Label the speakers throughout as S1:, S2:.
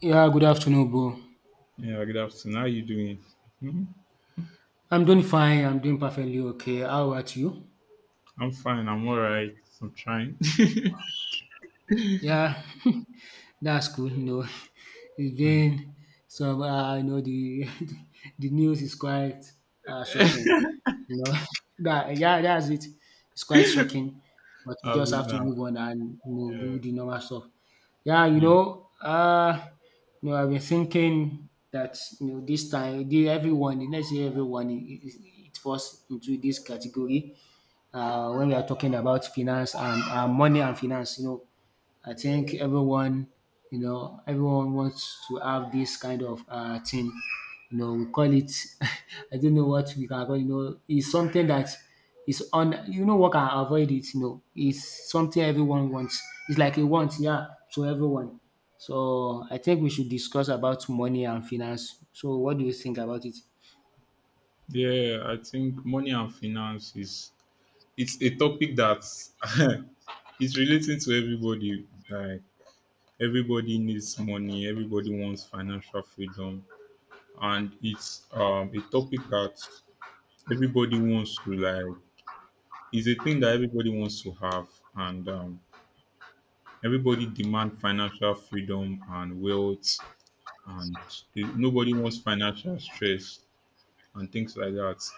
S1: Yeah, good afternoon, bro.
S2: Yeah, good afternoon. How you doing? hmm
S1: I'm doing fine. I'm doing perfectly okay. How about you?
S2: I'm fine. I'm all right. I'm trying.
S1: Yeah, that's cool. It's
S2: Mm.
S1: been some. The the news is quite shocking. You know, that yeah, that's it. It's quite shocking, but we
S2: I'll
S1: just
S2: be
S1: have to
S2: now.
S1: move on and
S2: Yeah,
S1: do the normal stuff. Yeah, you
S2: yeah,
S1: know, uh, you know, I've been thinking that this time, the everyone, let's say everyone, it falls into this category when we are talking about finance and money and finance. I think everyone, everyone wants to have this kind of thing. We call it, I don't know what we can call, it's something that is on, what can avoid it, it's something everyone wants. It's like a want, yeah, to everyone. So I think we should discuss about money and finance. So what do you think about it?
S2: yeah. I think money and finance is it's a topic that it's relating to everybody. Like everybody needs money. Everybody wants financial freedom, and it's a topic that everybody wants to like. It's a thing that everybody wants to have, and everybody demand financial freedom and wealth and nobody wants financial stress and things like that.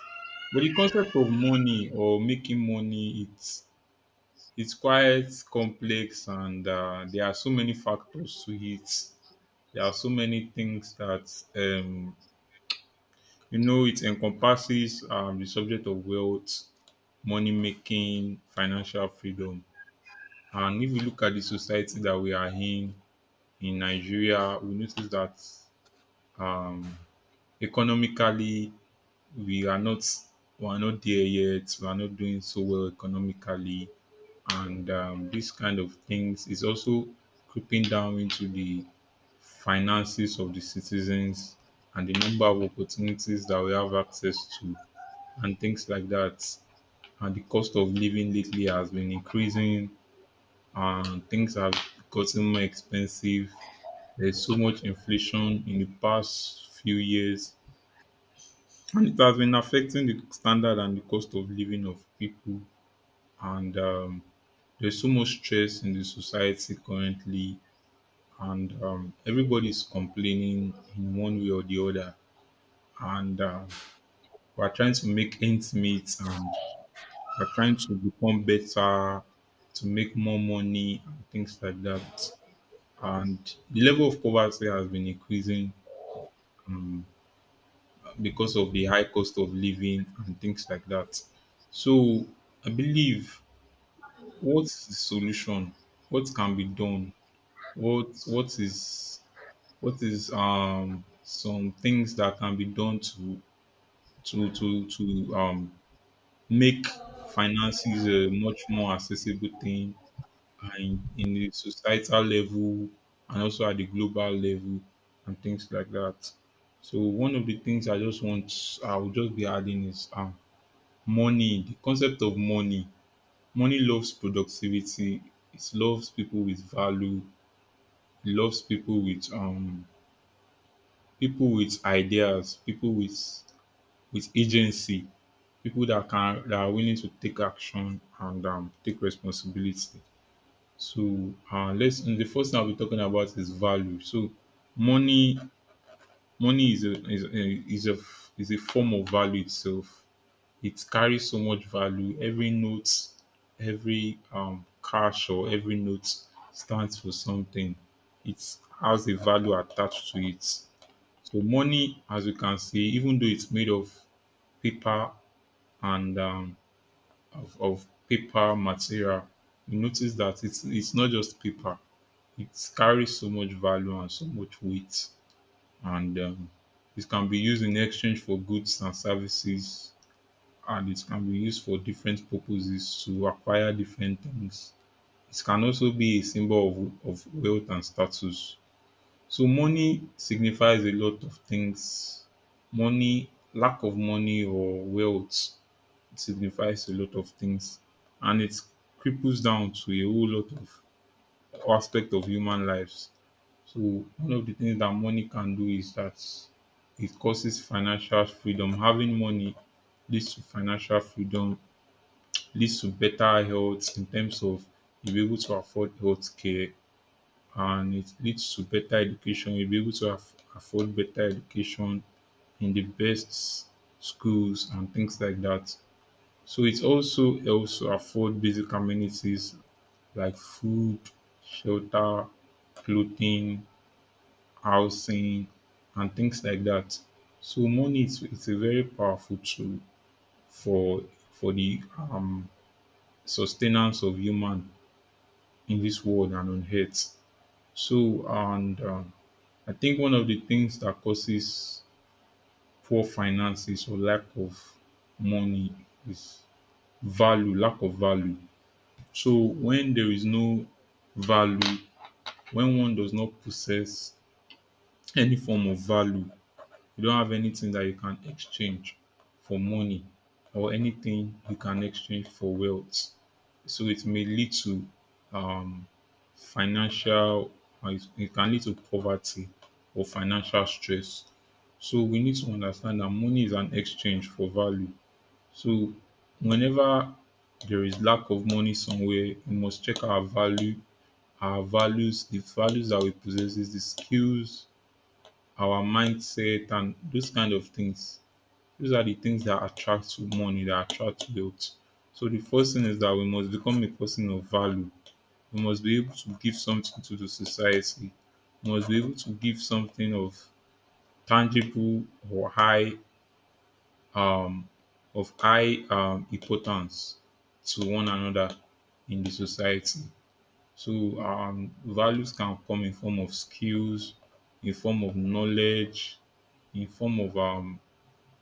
S2: But the concept of money or making money, it's quite complex, and there are so many factors to it. There are so many things that you know it encompasses the subject of wealth, money making, financial freedom. And if you look at the society that we are in Nigeria, we notice that economically we are not we are not there yet. We are not doing so well economically, and this kind of things is also creeping down into the finances of the citizens and the number of opportunities that we have access to and things like that. And the cost of living lately has been increasing, and things have gotten more expensive. There's so much inflation in the past few years and it has been affecting the standard and the cost of living of people and there's so much stress in the society currently and everybody's complaining in one way or the other and we're trying to make ends meet and we're trying to become better to make more money and things like that and the level of poverty has been increasing um, because of the high cost of living and things like that. So I believe what's the solution? What can be done? What is what is some things that can be done to to to to um make finances a much more accessible thing and in the societal level and also at the global level and things like that. So one of the things I will just be adding is money, the concept of money. Money loves productivity. It loves people with value. It loves people with ideas, people with agency, people that can that are willing to take action and take responsibility. So let's and the first thing I'll be talking about is value. So money money is a is a, is a is a form of value itself. It carries so much value. Every cash or every note stands for something. It has a value attached to it. So money, as you can see, even though it's made of paper and of paper material, you notice that it's not just paper. It carries so much value and so much weight, and it can be used in exchange for goods and services and it can be used for different purposes to acquire different things. It can also be a symbol of wealth and status. So money signifies a lot of things. Money, lack of money or wealth signifies a lot of things. And it cripples down to a whole lot of aspect of human lives. So one of the things that money can do is that it causes financial freedom. Having money leads to financial freedom leads to better health in terms of you'll be able to afford health care and it leads to better education. You'll be able to afford better education in the best schools and things like that. So it also helps to afford basic amenities like food, shelter, clothing, housing, and things like that. So money is it's a very powerful tool for for the sustenance of human in this world and on earth. So, and I think one of the things that causes poor finances or lack of money is value, lack of value. So, when there is no value, when one does not possess any form of value, you don't have anything that you can exchange for money or anything you can exchange for wealth. So, it may lead to um, financial it can lead to poverty or financial stress. So we need to understand that money is an exchange for value. So whenever there is lack of money somewhere, we must check our value, our values, the values that we possess, the skills, our mindset, and those kind of things. Those are the things that attract to money, that attract wealth. So the first thing is that we must become a person of value we must be able to give something to the society. We must be able to give something of tangible or high um of high importance to one another in the society. So values can come in form of skills, in form of knowledge, in form of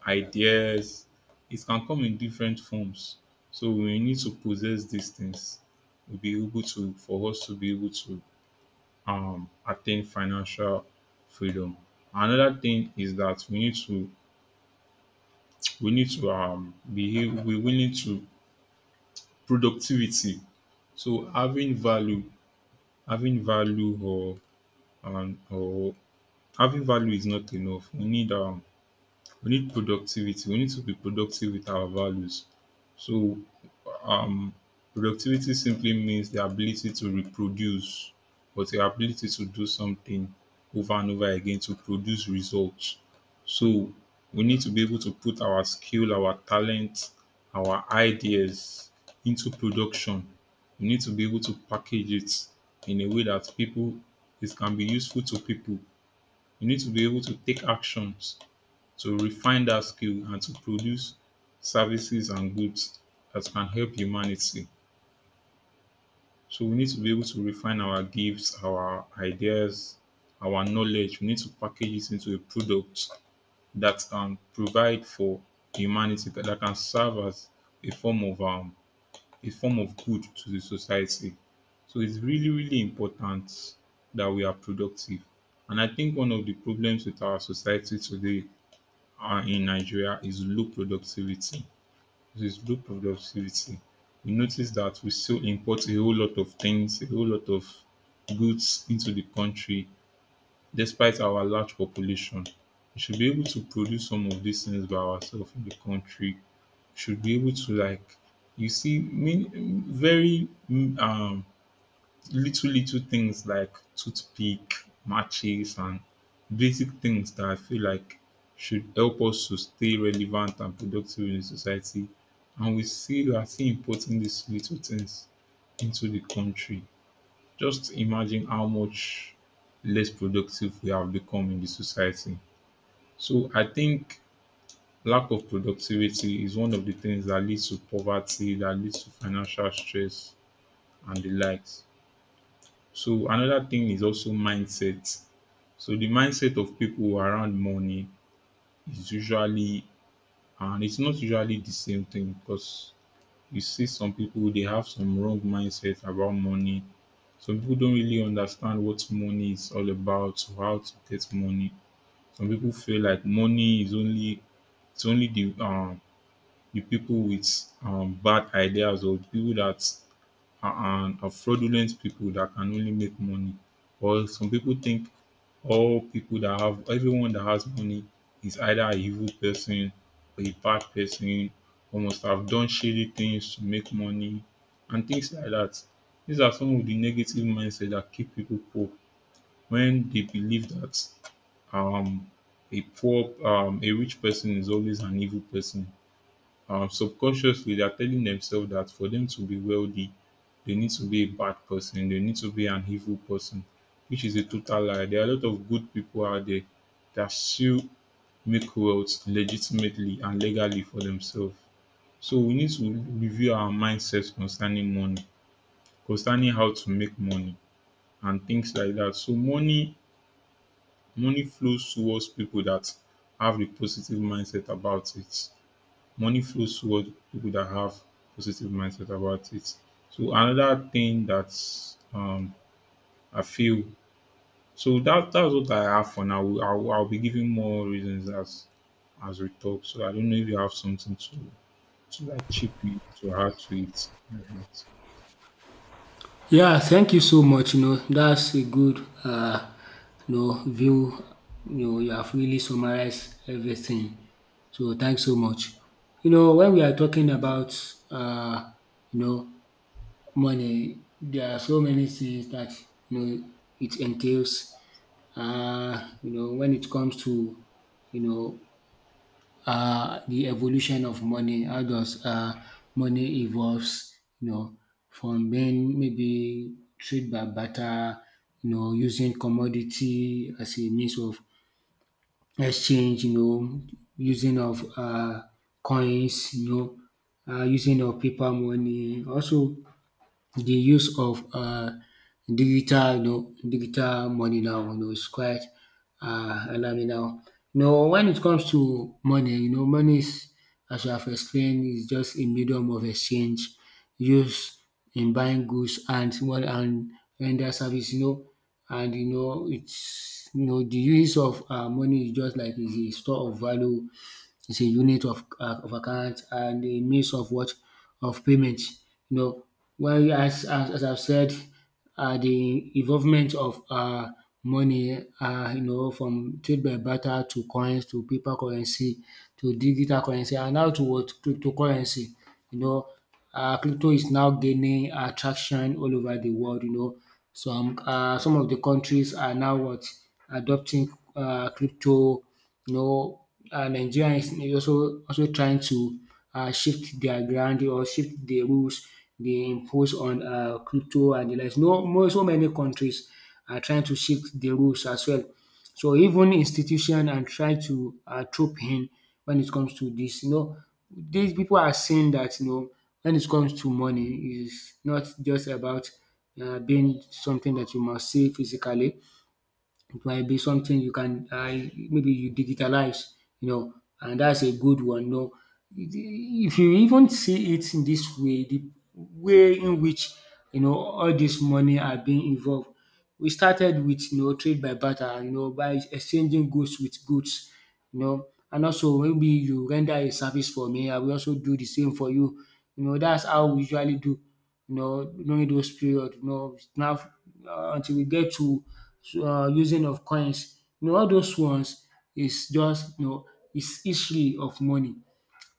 S2: ideas. It can come in different forms. So we need to possess these things. We'll be able to for us to be able to attain financial freedom. Another thing is that we need to productivity. So having value or having value is not enough. We need productivity. We need to be productive with our values. So Um, productivity simply means the ability to reproduce, but the ability to do something over and over again to produce results. So we need to be able to put our skill, our talent, our ideas into production. We need to be able to package it in a way that people it can be useful to people. We need to be able to take actions to refine that skill and to produce services and goods that can help humanity. So we need to be able to refine our gifts, our ideas, our knowledge. We need to package it into a product that can provide for humanity, that can serve as a form of good to the society. So it's really, really important that we are productive. And I think one of the problems with our society today in Nigeria is low productivity. This is low productivity. We notice that we still import a whole lot of things, a whole lot of goods into the country, despite our large population. We should be able to produce some of these things by ourselves in the country. Should be able to like you see, mean very mm, um little little things like toothpick, matches, and basic things that I feel like should help us to stay relevant and productive in society. And we still are still importing these little things into the country. Just imagine how much less productive we have become in the society. So I think lack of productivity is one of the things that leads to poverty, that leads to financial stress and the likes. So another thing is also mindset. So the mindset of people around money is usually and it's not usually the same thing because you see some people they have some wrong mindset about money. Some people don't really understand what money is all about, or how to get money. Some people feel like money is only it's only the people with bad ideas or the people that and are fraudulent people that can only make money. Or some people think all people that have everyone that has money is either a evil person or a bad person or must have done shady things to make money and things like that. These are some of the negative mindset that keep people poor when they believe that um a rich person is always an evil person. Subconsciously they are telling themselves that for them to be wealthy, they need to be a bad person, they need to be an evil person, which is a total lie. There are a lot of good people out there that still make wealth legitimately and legally for themselves. So we need to review our mindset concerning money, concerning how to make money and things like that. So money flows towards people that have a positive mindset about it money flows toward people that have positive mindset about it. So another thing that's I feel so that that's what I have for now. I'll be giving more reasons as we talk. So I don't know if you have something to like chip in to add to it.
S1: Yeah, thank you so much. That's a good view. You have really summarized everything. So thanks so much. When we are talking about uh, you know money, there are so many things that you know it entails. When it comes to you know the evolution of money. How does money evolves? You know, from being maybe trade by barter, using commodity as a means of exchange. Using of coins. Using of paper money. Also, the use of digital digital money now is quite alarming now. When it comes to money money is, as I have explained, is just a medium of exchange use in buying goods and one and render service, and it's, the use of money is just like is a store of value. It's a unit of account and a means of what of payment. You know well, as I've said, the involvement of money, from trade by barter to coins to paper currency to digital currency and how to what cryptocurrency. You know uh, crypto is now gaining traction all over the world. Some of the countries are now what adopting crypto. You know, Nigeria is also trying to shift their ground or shift the rules they impose on crypto and the like. No, so many countries are trying to shift the rules as well. So even institution and try to throw pain when it comes to this. These people are saying that when it comes to money is not just about being something that you must see physically. It might be something you can, maybe you digitalize, you know, and that's a good one. No, if you even see it in this way, the way in which all this money are being involved. We started with trade by barter, by exchanging goods with goods, and also maybe you render a service for me, I will also do the same for you. That's how we usually do, during those period, now, until we get to using of coins. All those ones is just is history of money.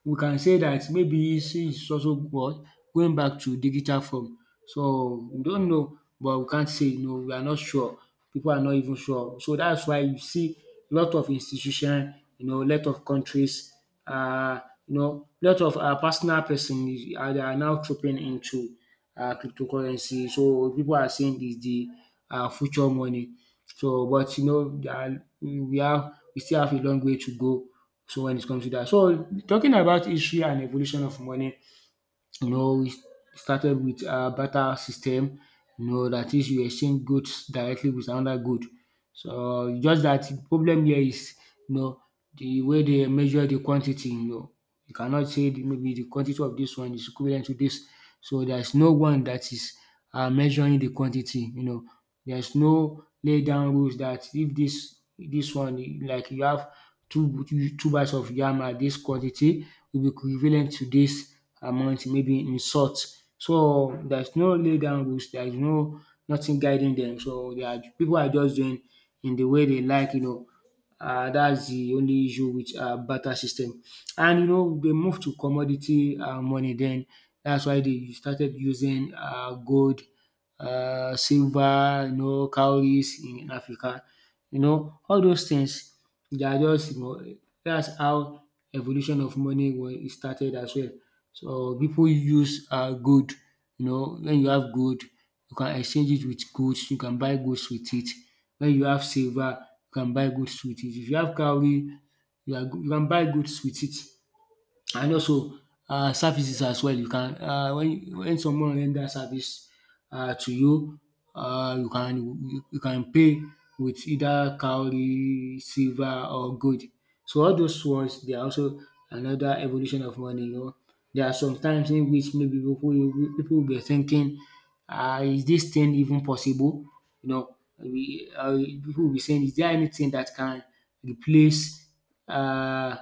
S1: We can say that maybe since it's also what going back to digital form. So we don't know, but we can't say no, we are not sure. People are not even sure. So that's why you see a lot of institution, a lot of countries, uh, a lot of personal person, they are now trooping into cryptocurrency. So people are saying is the future money. So but we have we still have a long way to go, so when it comes to that, so talking about history and evolution of money, we started with a barter system. That is you exchange goods directly with another good. So just that the problem here is, you know the way they measure the quantity. You cannot say the maybe the quantity of this one is equivalent to this. So there's no one that is measuring the quantity. There's no lay down rules that if this one like you have two two bags of yam at this quantity will be equivalent to this amount maybe in salt. So there's no lay down rules. There's no nothing guiding them. So they are people are just doing in the way they like. That's the only issue with barter system. And they moved to commodity money. Then that's why they started using gold, silver, cowries in Africa. All those things they are just, dat's how evolution of money was started as well. So pipu use gold. When you have gold you can exchange it with goods, you can buy goods with it. When you have silver you can buy goods with it. If you have cowrie, you can buy goods with it, and also services as well. You can when someone render service to you, you can, you can pay with either cowrie, silver or gold. So all those ones they are also another evolution of money. There are some times in which maybe people will be thinking, is this thing even possible? You know, we people will be saying, is there anything that can replace uh,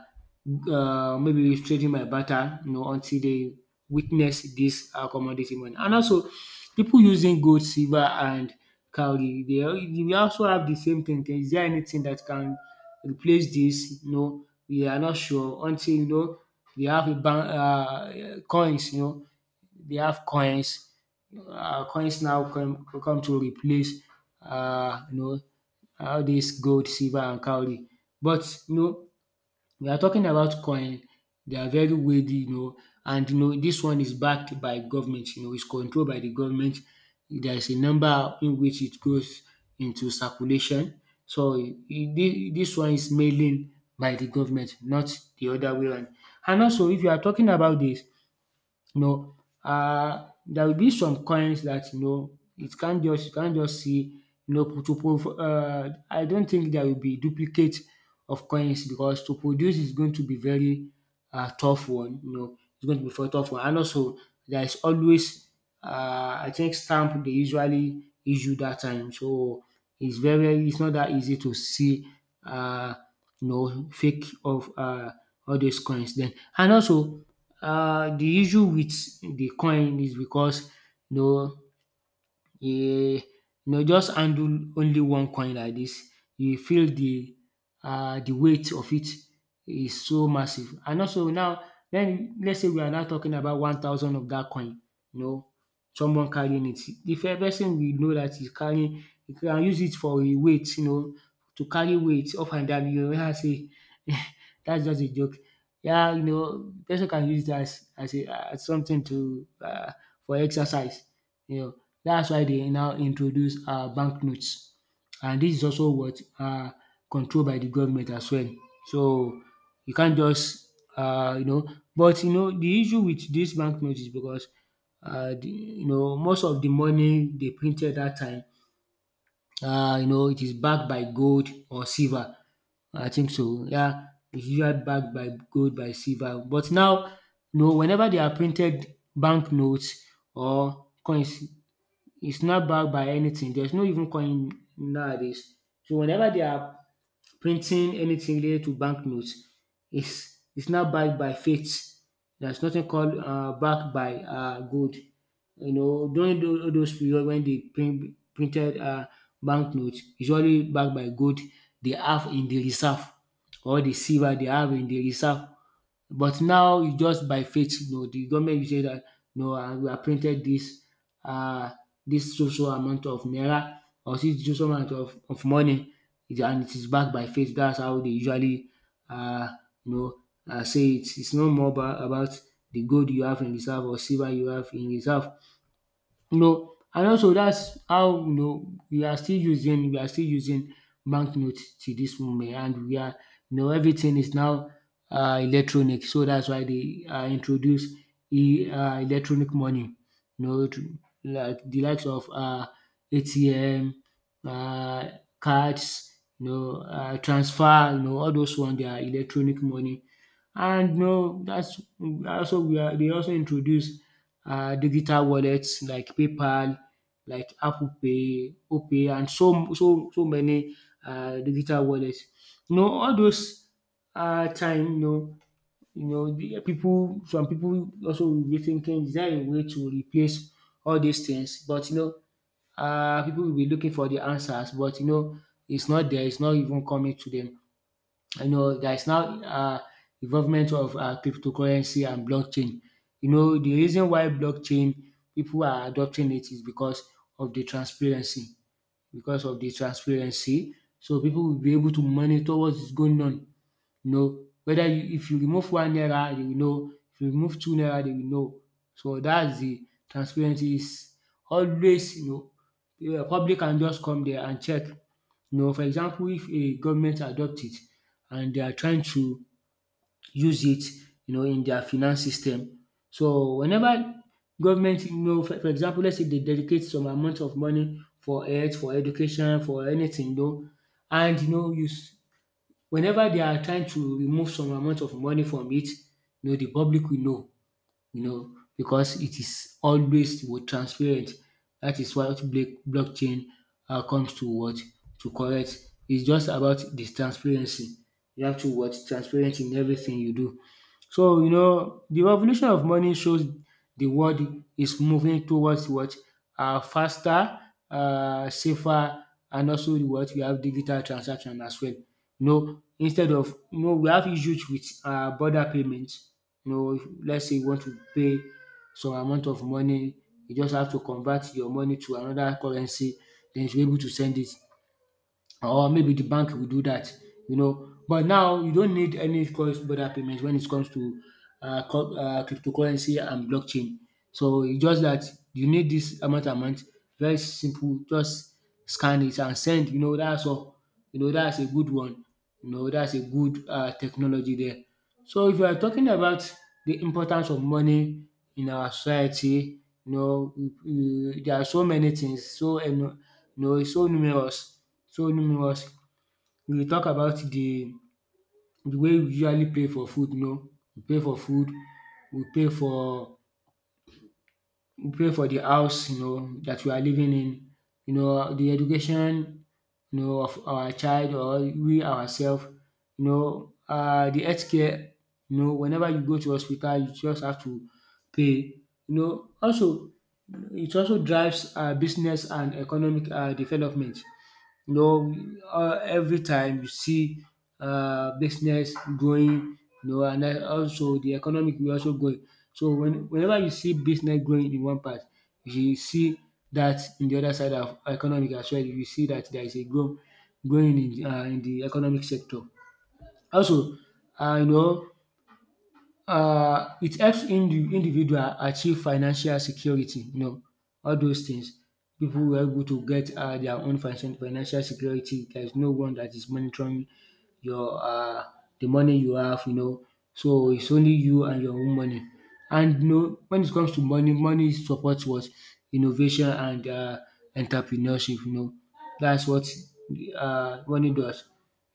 S1: maybe trading my barter? Until they witness this commodity money, and also people using gold, silver, and cowrie. They we also have the same thing. Is there anything that can replace this? We are not sure until, they have a ban. Coins, they have coins. Coins now come to replace, Uh, you know all this gold, silver and cowry. But you know we are talking about coin. They are very weighty, and this one is backed by government. It's controlled by the government. There is a number in which it goes into circulation. So this one is mainly by the government, not the other way around. And also, if you are talking about this, you know, there will be some coins that, it can't just you can't just see, to pro I don't think there will be duplicate of coins because to produce is going to be very tough one. It's going to be very tough one. And also there is always I think stamp they usually issue that time, so it's very it's not that easy to see um fake of all those coins then. And also the issue with the coin is because, you know um you just handle only one coin like this. You feel the weight of it is so massive. And also now then let's say we are now talking about 1,000 of that coin, you know, someone carrying it. The first person we know that is carrying, you can use it for e weight, to carry weight up and down. You hear am say that's just a joke. Yeah, person can use it as a as something to for exercise. You know that's why they now introduce banknotes, and this is also what controlled by the government as well. So you can't just but the issue with dis banknote is because, the you know most of the money they printed that time, it is backed by gold or silver. I think so. Yeah, it's usually backed by gold by silver. But now whenever they are printed banknotes or coins it's not backed by anything. There's no even coin nowadays. So whenever they are printing anything related to banknotes, it's not backed by faith. There's nothing called backed by gold. During those period when they printed banknotes, usually backed by gold they have in the reserve or the silver they have in the reserve. But now it's just by faith. The government will say that no, we have printed this, uh, this so so amount of naira or this so so amount of money, and it is backed by faith. That's how they usually uh, you know say it. It's no more about the gold you have in reserve or silver you have in reserve, you know. And also that's how, you know, we are still using bank to this moment, and we are, you know, everything is now electronic. So that's why they introduce e electronic money, you know, to, like the likes of ATM uh cards, you know, transfer, you know, all those one are electronic money. And no, that's also we are. They also introduce digital wallets like PayPal, like Apple Pay, OPay, and so so so many digital wallets. You know, all those time, you know, the people, some people also will be thinking, is there a way to replace all these things? But you know, people will be looking for the answers, but you know, it's not there, it's not even coming to them, you know. There is now involvement of cryptocurrency and blockchain. You know, the reason why blockchain people are adopting it is because of the transparency, because of the transparency. So people will be able to monitor what is going on. You know, if you remove one naira, they will know. If you remove two naira, they will know. So that's the transparency, is always, you know, the public can just come there and check. You know, for example, if a government adopt it and they are trying to use it, you know, in their finance system. So whenever government, you know, for example, let's say they dedicate some amount of money for health, for education, for anything, you know, and you know, you s- whenever they are trying to remove some amount of money from it, you know, the public will know, you know, because it is always what transparent. That is what blockchain comes to what to correct. It's just about this transparency. You have to what transparent in everything you do. So you know the revolution of money shows the world is moving towards what faster, safer, and also what we have digital transaction as well. No, instead of no, we have issues with border payments. You know, let's say you want to pay some amount of money, you just have to convert your money to another currency, then you'll able to send it, or maybe the bank will do that, you know. But now you don't need any cross-border payment when it comes to cryptocurrency and blockchain. So it's just that you need this amount, very simple, just scan it and send. You know that's all. You know that's a good one. You know that's a good technology there. So if you are talking about the importance of money in our society, you know, there are so many things, so you know so numerous, so numerous. We talk about the way we usually pay for food, you know, we pay for food, we pay for, we pray for the house you know that we are living in, you know the education, you know, of our child or we ourselves. You know, the healthcare. You know whenever you go to hospital you just have to pay. You know also it also drives business and economic development. You know, every time you see business growing, you know, and then also the economic will also growing. So whenever you see business growing in one part, you see that in the other side of economic as well, you see that there is a growth growing in the economic sector. Also, uh, you know, it helps individual achieve financial security, you know, all those things. People were able to get their own financial security. There's no one that is monitoring your the money you have, you know. So it's only you and your own money. And you know, when it comes to money, money supports what innovation and entrepreneurship. You know, that's what money does.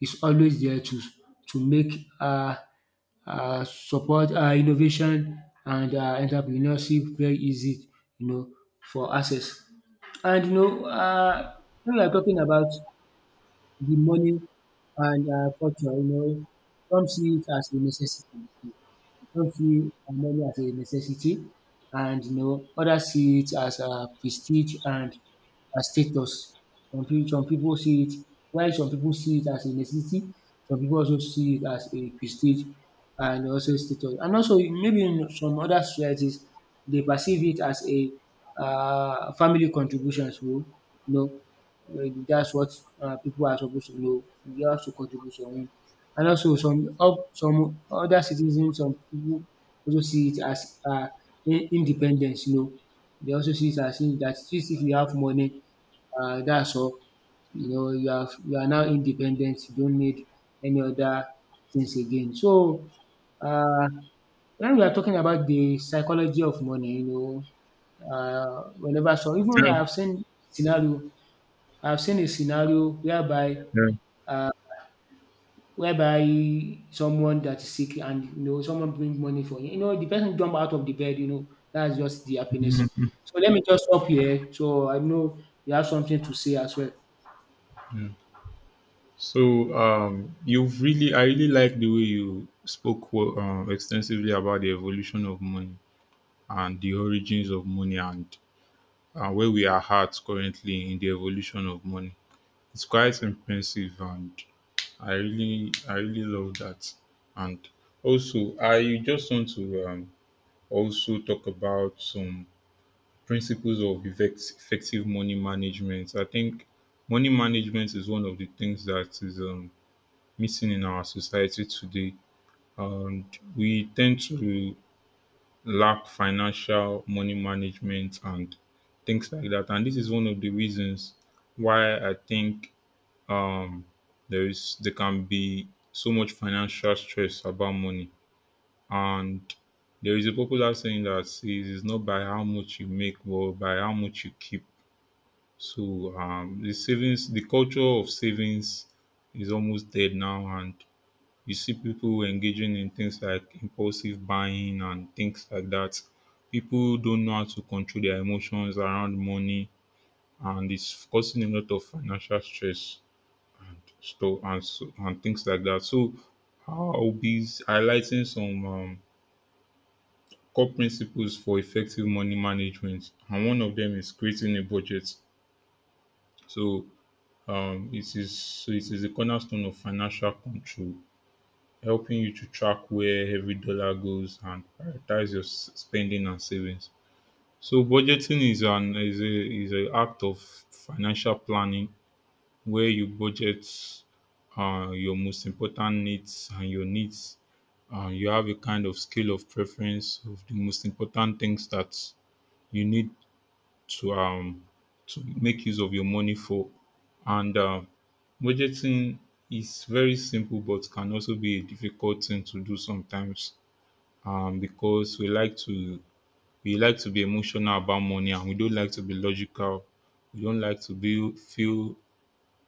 S1: It's always there to make uh, support innovation and entrepreneurship very easy, you know, for access. And you know when we are talking about the money and culture, you know, some see it as a necessity. Some see money as a necessity, and you know others see it as a prestige and a status. Some people see it, while some people see it as a necessity, some people also see it as a prestige and also status. And also maybe in some other societies, they perceive it as a family contribution. So you know, uh, that's what people are supposed to know. You have to contribute your own. And also some other citizens, some people also see it as independence, you know. They also see it as in that, since if you have money, that's all. You know, you are now independent, you don't need any other things again. So uh, when we are talking about the psychology of money, you know, whenever, so even I
S2: Yeah,
S1: have seen scenario, I have seen a scenario whereby
S2: yeah.
S1: uh, whereby someone that is sick and you know someone bring money for you. You know, the person jump out of the bed, you know, that's just the happiness.
S2: Mhm.
S1: So let me just stop here. So I know you have something to say as well.
S2: Yeah. So you've really, I really like the way you spoke extensively about the evolution of money and the origins of money and where we are at currently in the evolution of money. It's quite impressive, and I really love that. And also, I just want to also talk about some principles of effective money management. I think money management is one of the things that is missing in our society today, and we tend to lack financial money management and things like that. And this is one of the reasons why I think um, there can be so much financial stress about money. And there is a popular saying that says it's not by how much you make, but by how much you keep. So the savings, the culture of savings is almost dead now, and you see people engaging in things like impulsive buying and things like that. People don't know how to control their emotions around money, and it's causing a lot of financial stress stuff and so, and things like that. So I'll be highlighting some core principles for effective money management, and one of them is creating a budget. So it is a cornerstone of financial control, helping you to track where every dollar goes and prioritize your spending and savings. So budgeting is an act of financial planning where you budget your most important needs and your needs. You have a kind of scale of preference of the most important things that you need to um to make use of your money for, and budgeting is very simple but can also be a difficult thing to do sometimes because we like to be emotional about money and we don't like to be logical. We don't like to be feel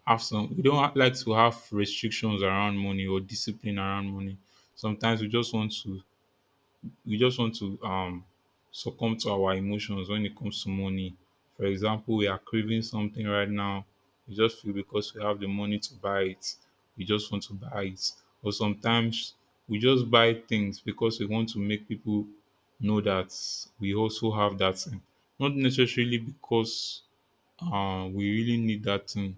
S2: we don't like to have restrictions around money or discipline around money. Sometimes we just want to succumb to our emotions when it comes to money. For example, we are craving something right now. We just feel because we have the money to buy it, we just want to buy it. Or sometimes we just buy things because we want to make people know that we also have that thing. Not necessarily because we really need that thing,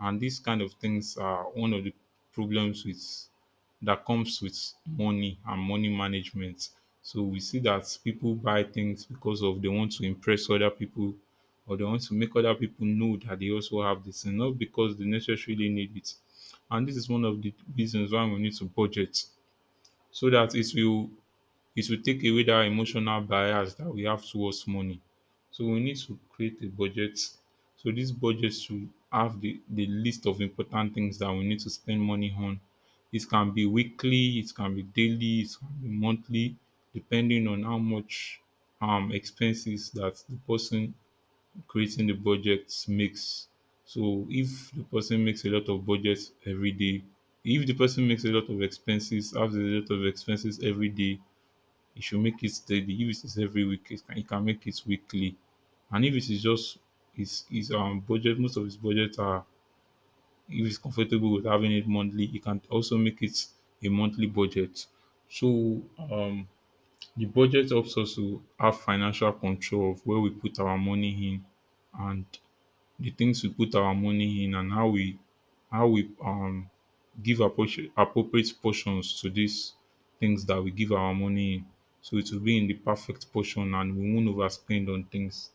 S2: and these kind of things are one of the problems with that comes with money and money management. So we see that people buy things because of they want to impress other people, or they want to make other people know that they also have this and not because they necessarily need it. And this is one of the reasons why we need to budget, so that it will take away that emotional bias that we have towards money. So we need to create a budget. So this budget should have the list of important things that we need to spend money on. It can be weekly, it can be daily, it can be monthly, depending on how much expenses that the person creating the budget makes. So if the person makes a lot of budgets every day, if the person makes a lot of expenses, has a lot of expenses every day, you should make it steady. If it is every week, you can make it weekly. And if it is just his budget, most of his budget are, if he's comfortable with having it monthly, he can also make it a monthly budget. So the budget helps us to have financial control of where we put our money in, and the things we put our money in, and how we give appropriate portions to these things that we give our money in. So it will be in the perfect portion and we won't overspend on things.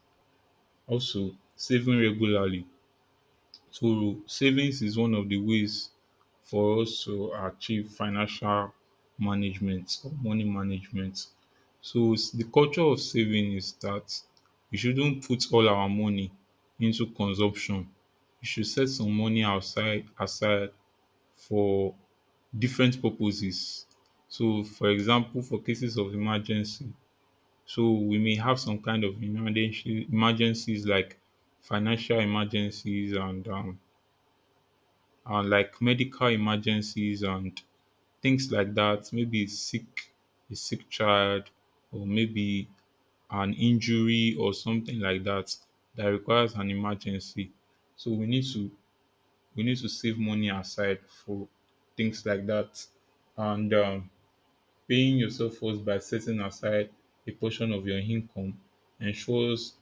S2: Also, saving regularly. So savings is one of the ways for us to achieve financial management or money management. So the culture of saving is that we shouldn't put all our money into consumption. We should set some money outside aside for different purposes. So for example, for cases of emergency, so we may have some kind of emergency emergencies like financial emergencies and like medical emergencies and things like that. Maybe a sick child, or maybe an injury or something like that that requires an emergency. So we need to save money aside for things like that. And paying yourself first by setting aside a portion of your income ensures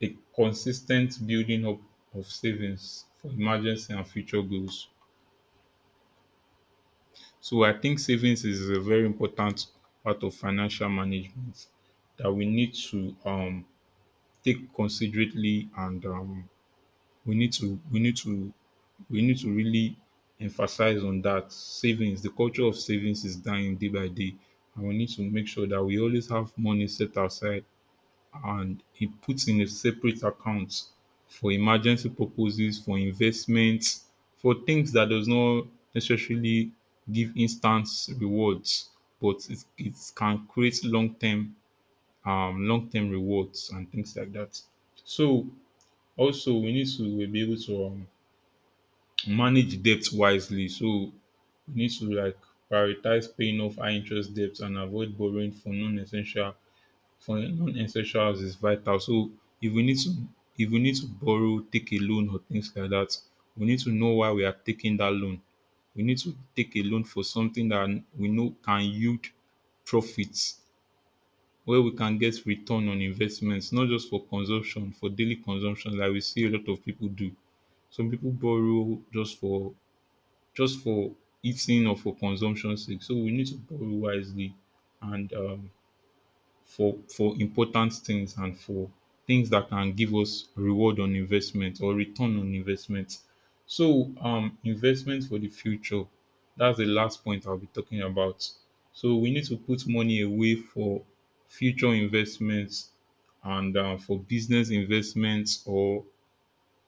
S2: a consistent building up of savings for emergency and future goals. So I think savings is a very important part of financial management that we need to take considerately, and we need to we need to we need to really emphasize on that savings. The culture of savings is dying day by day, and we need to make sure that we always have money set aside and it puts in a separate account for emergency purposes, for investments, for things that does not necessarily give instant rewards, but it can create long term rewards and things like that. So also we need to be able to manage debt wisely. So we need to like prioritize paying off high interest debts, and avoid borrowing for non-essentials is vital. So if we need to if we need to borrow, take a loan or things like that, we need to know why we are taking that loan. We need to take a loan for something that we know can yield profits, where we can get return on investments, not just for consumption, for daily consumption like we see a lot of people do. Some people borrow just for eating or for consumption sake. So we need to borrow wisely, and for important things and for things that can give us reward on investment or return on investment. So investment for the future. That's the last point I'll be talking about. So we need to put money away for future investments, and for business investments, or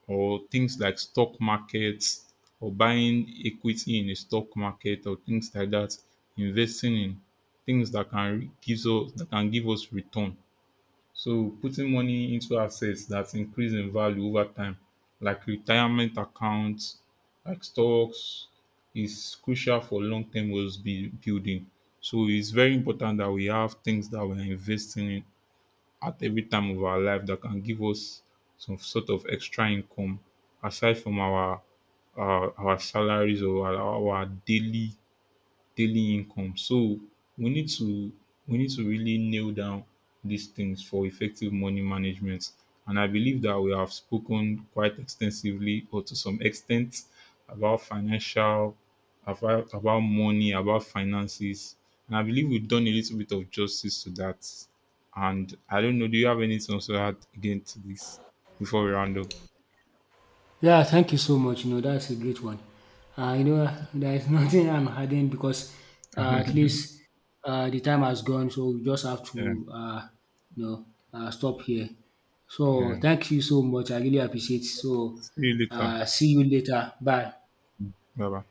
S2: things like stock markets, or buying equity in a stock market or things like that, investing in things that can give us that can give us return. So putting money into assets that increase in value over time, like retirement accounts, like stocks, is crucial for long term wealth building. So it's very important that we have things that we're investing in at every time of our life that can give us some sort of extra income aside from our salaries, or our daily income. So we need to we need to really nail down these things for effective money management. And I believe that we have spoken quite extensively or to some extent about about money, about finances. And I believe we've done a little bit of justice to that. And I don't know, do you have anything else to add again to this before we round up?
S1: Yeah, thank you so much. You know, that's a great one. You know, there is nothing I'm adding because at least the time has gone, so we just have
S2: Yeah,
S1: to you know stop here. So
S2: yeah.
S1: thank you so much. I really appreciate it. So
S2: See you later.
S1: see you later. Bye.
S2: Bye bye.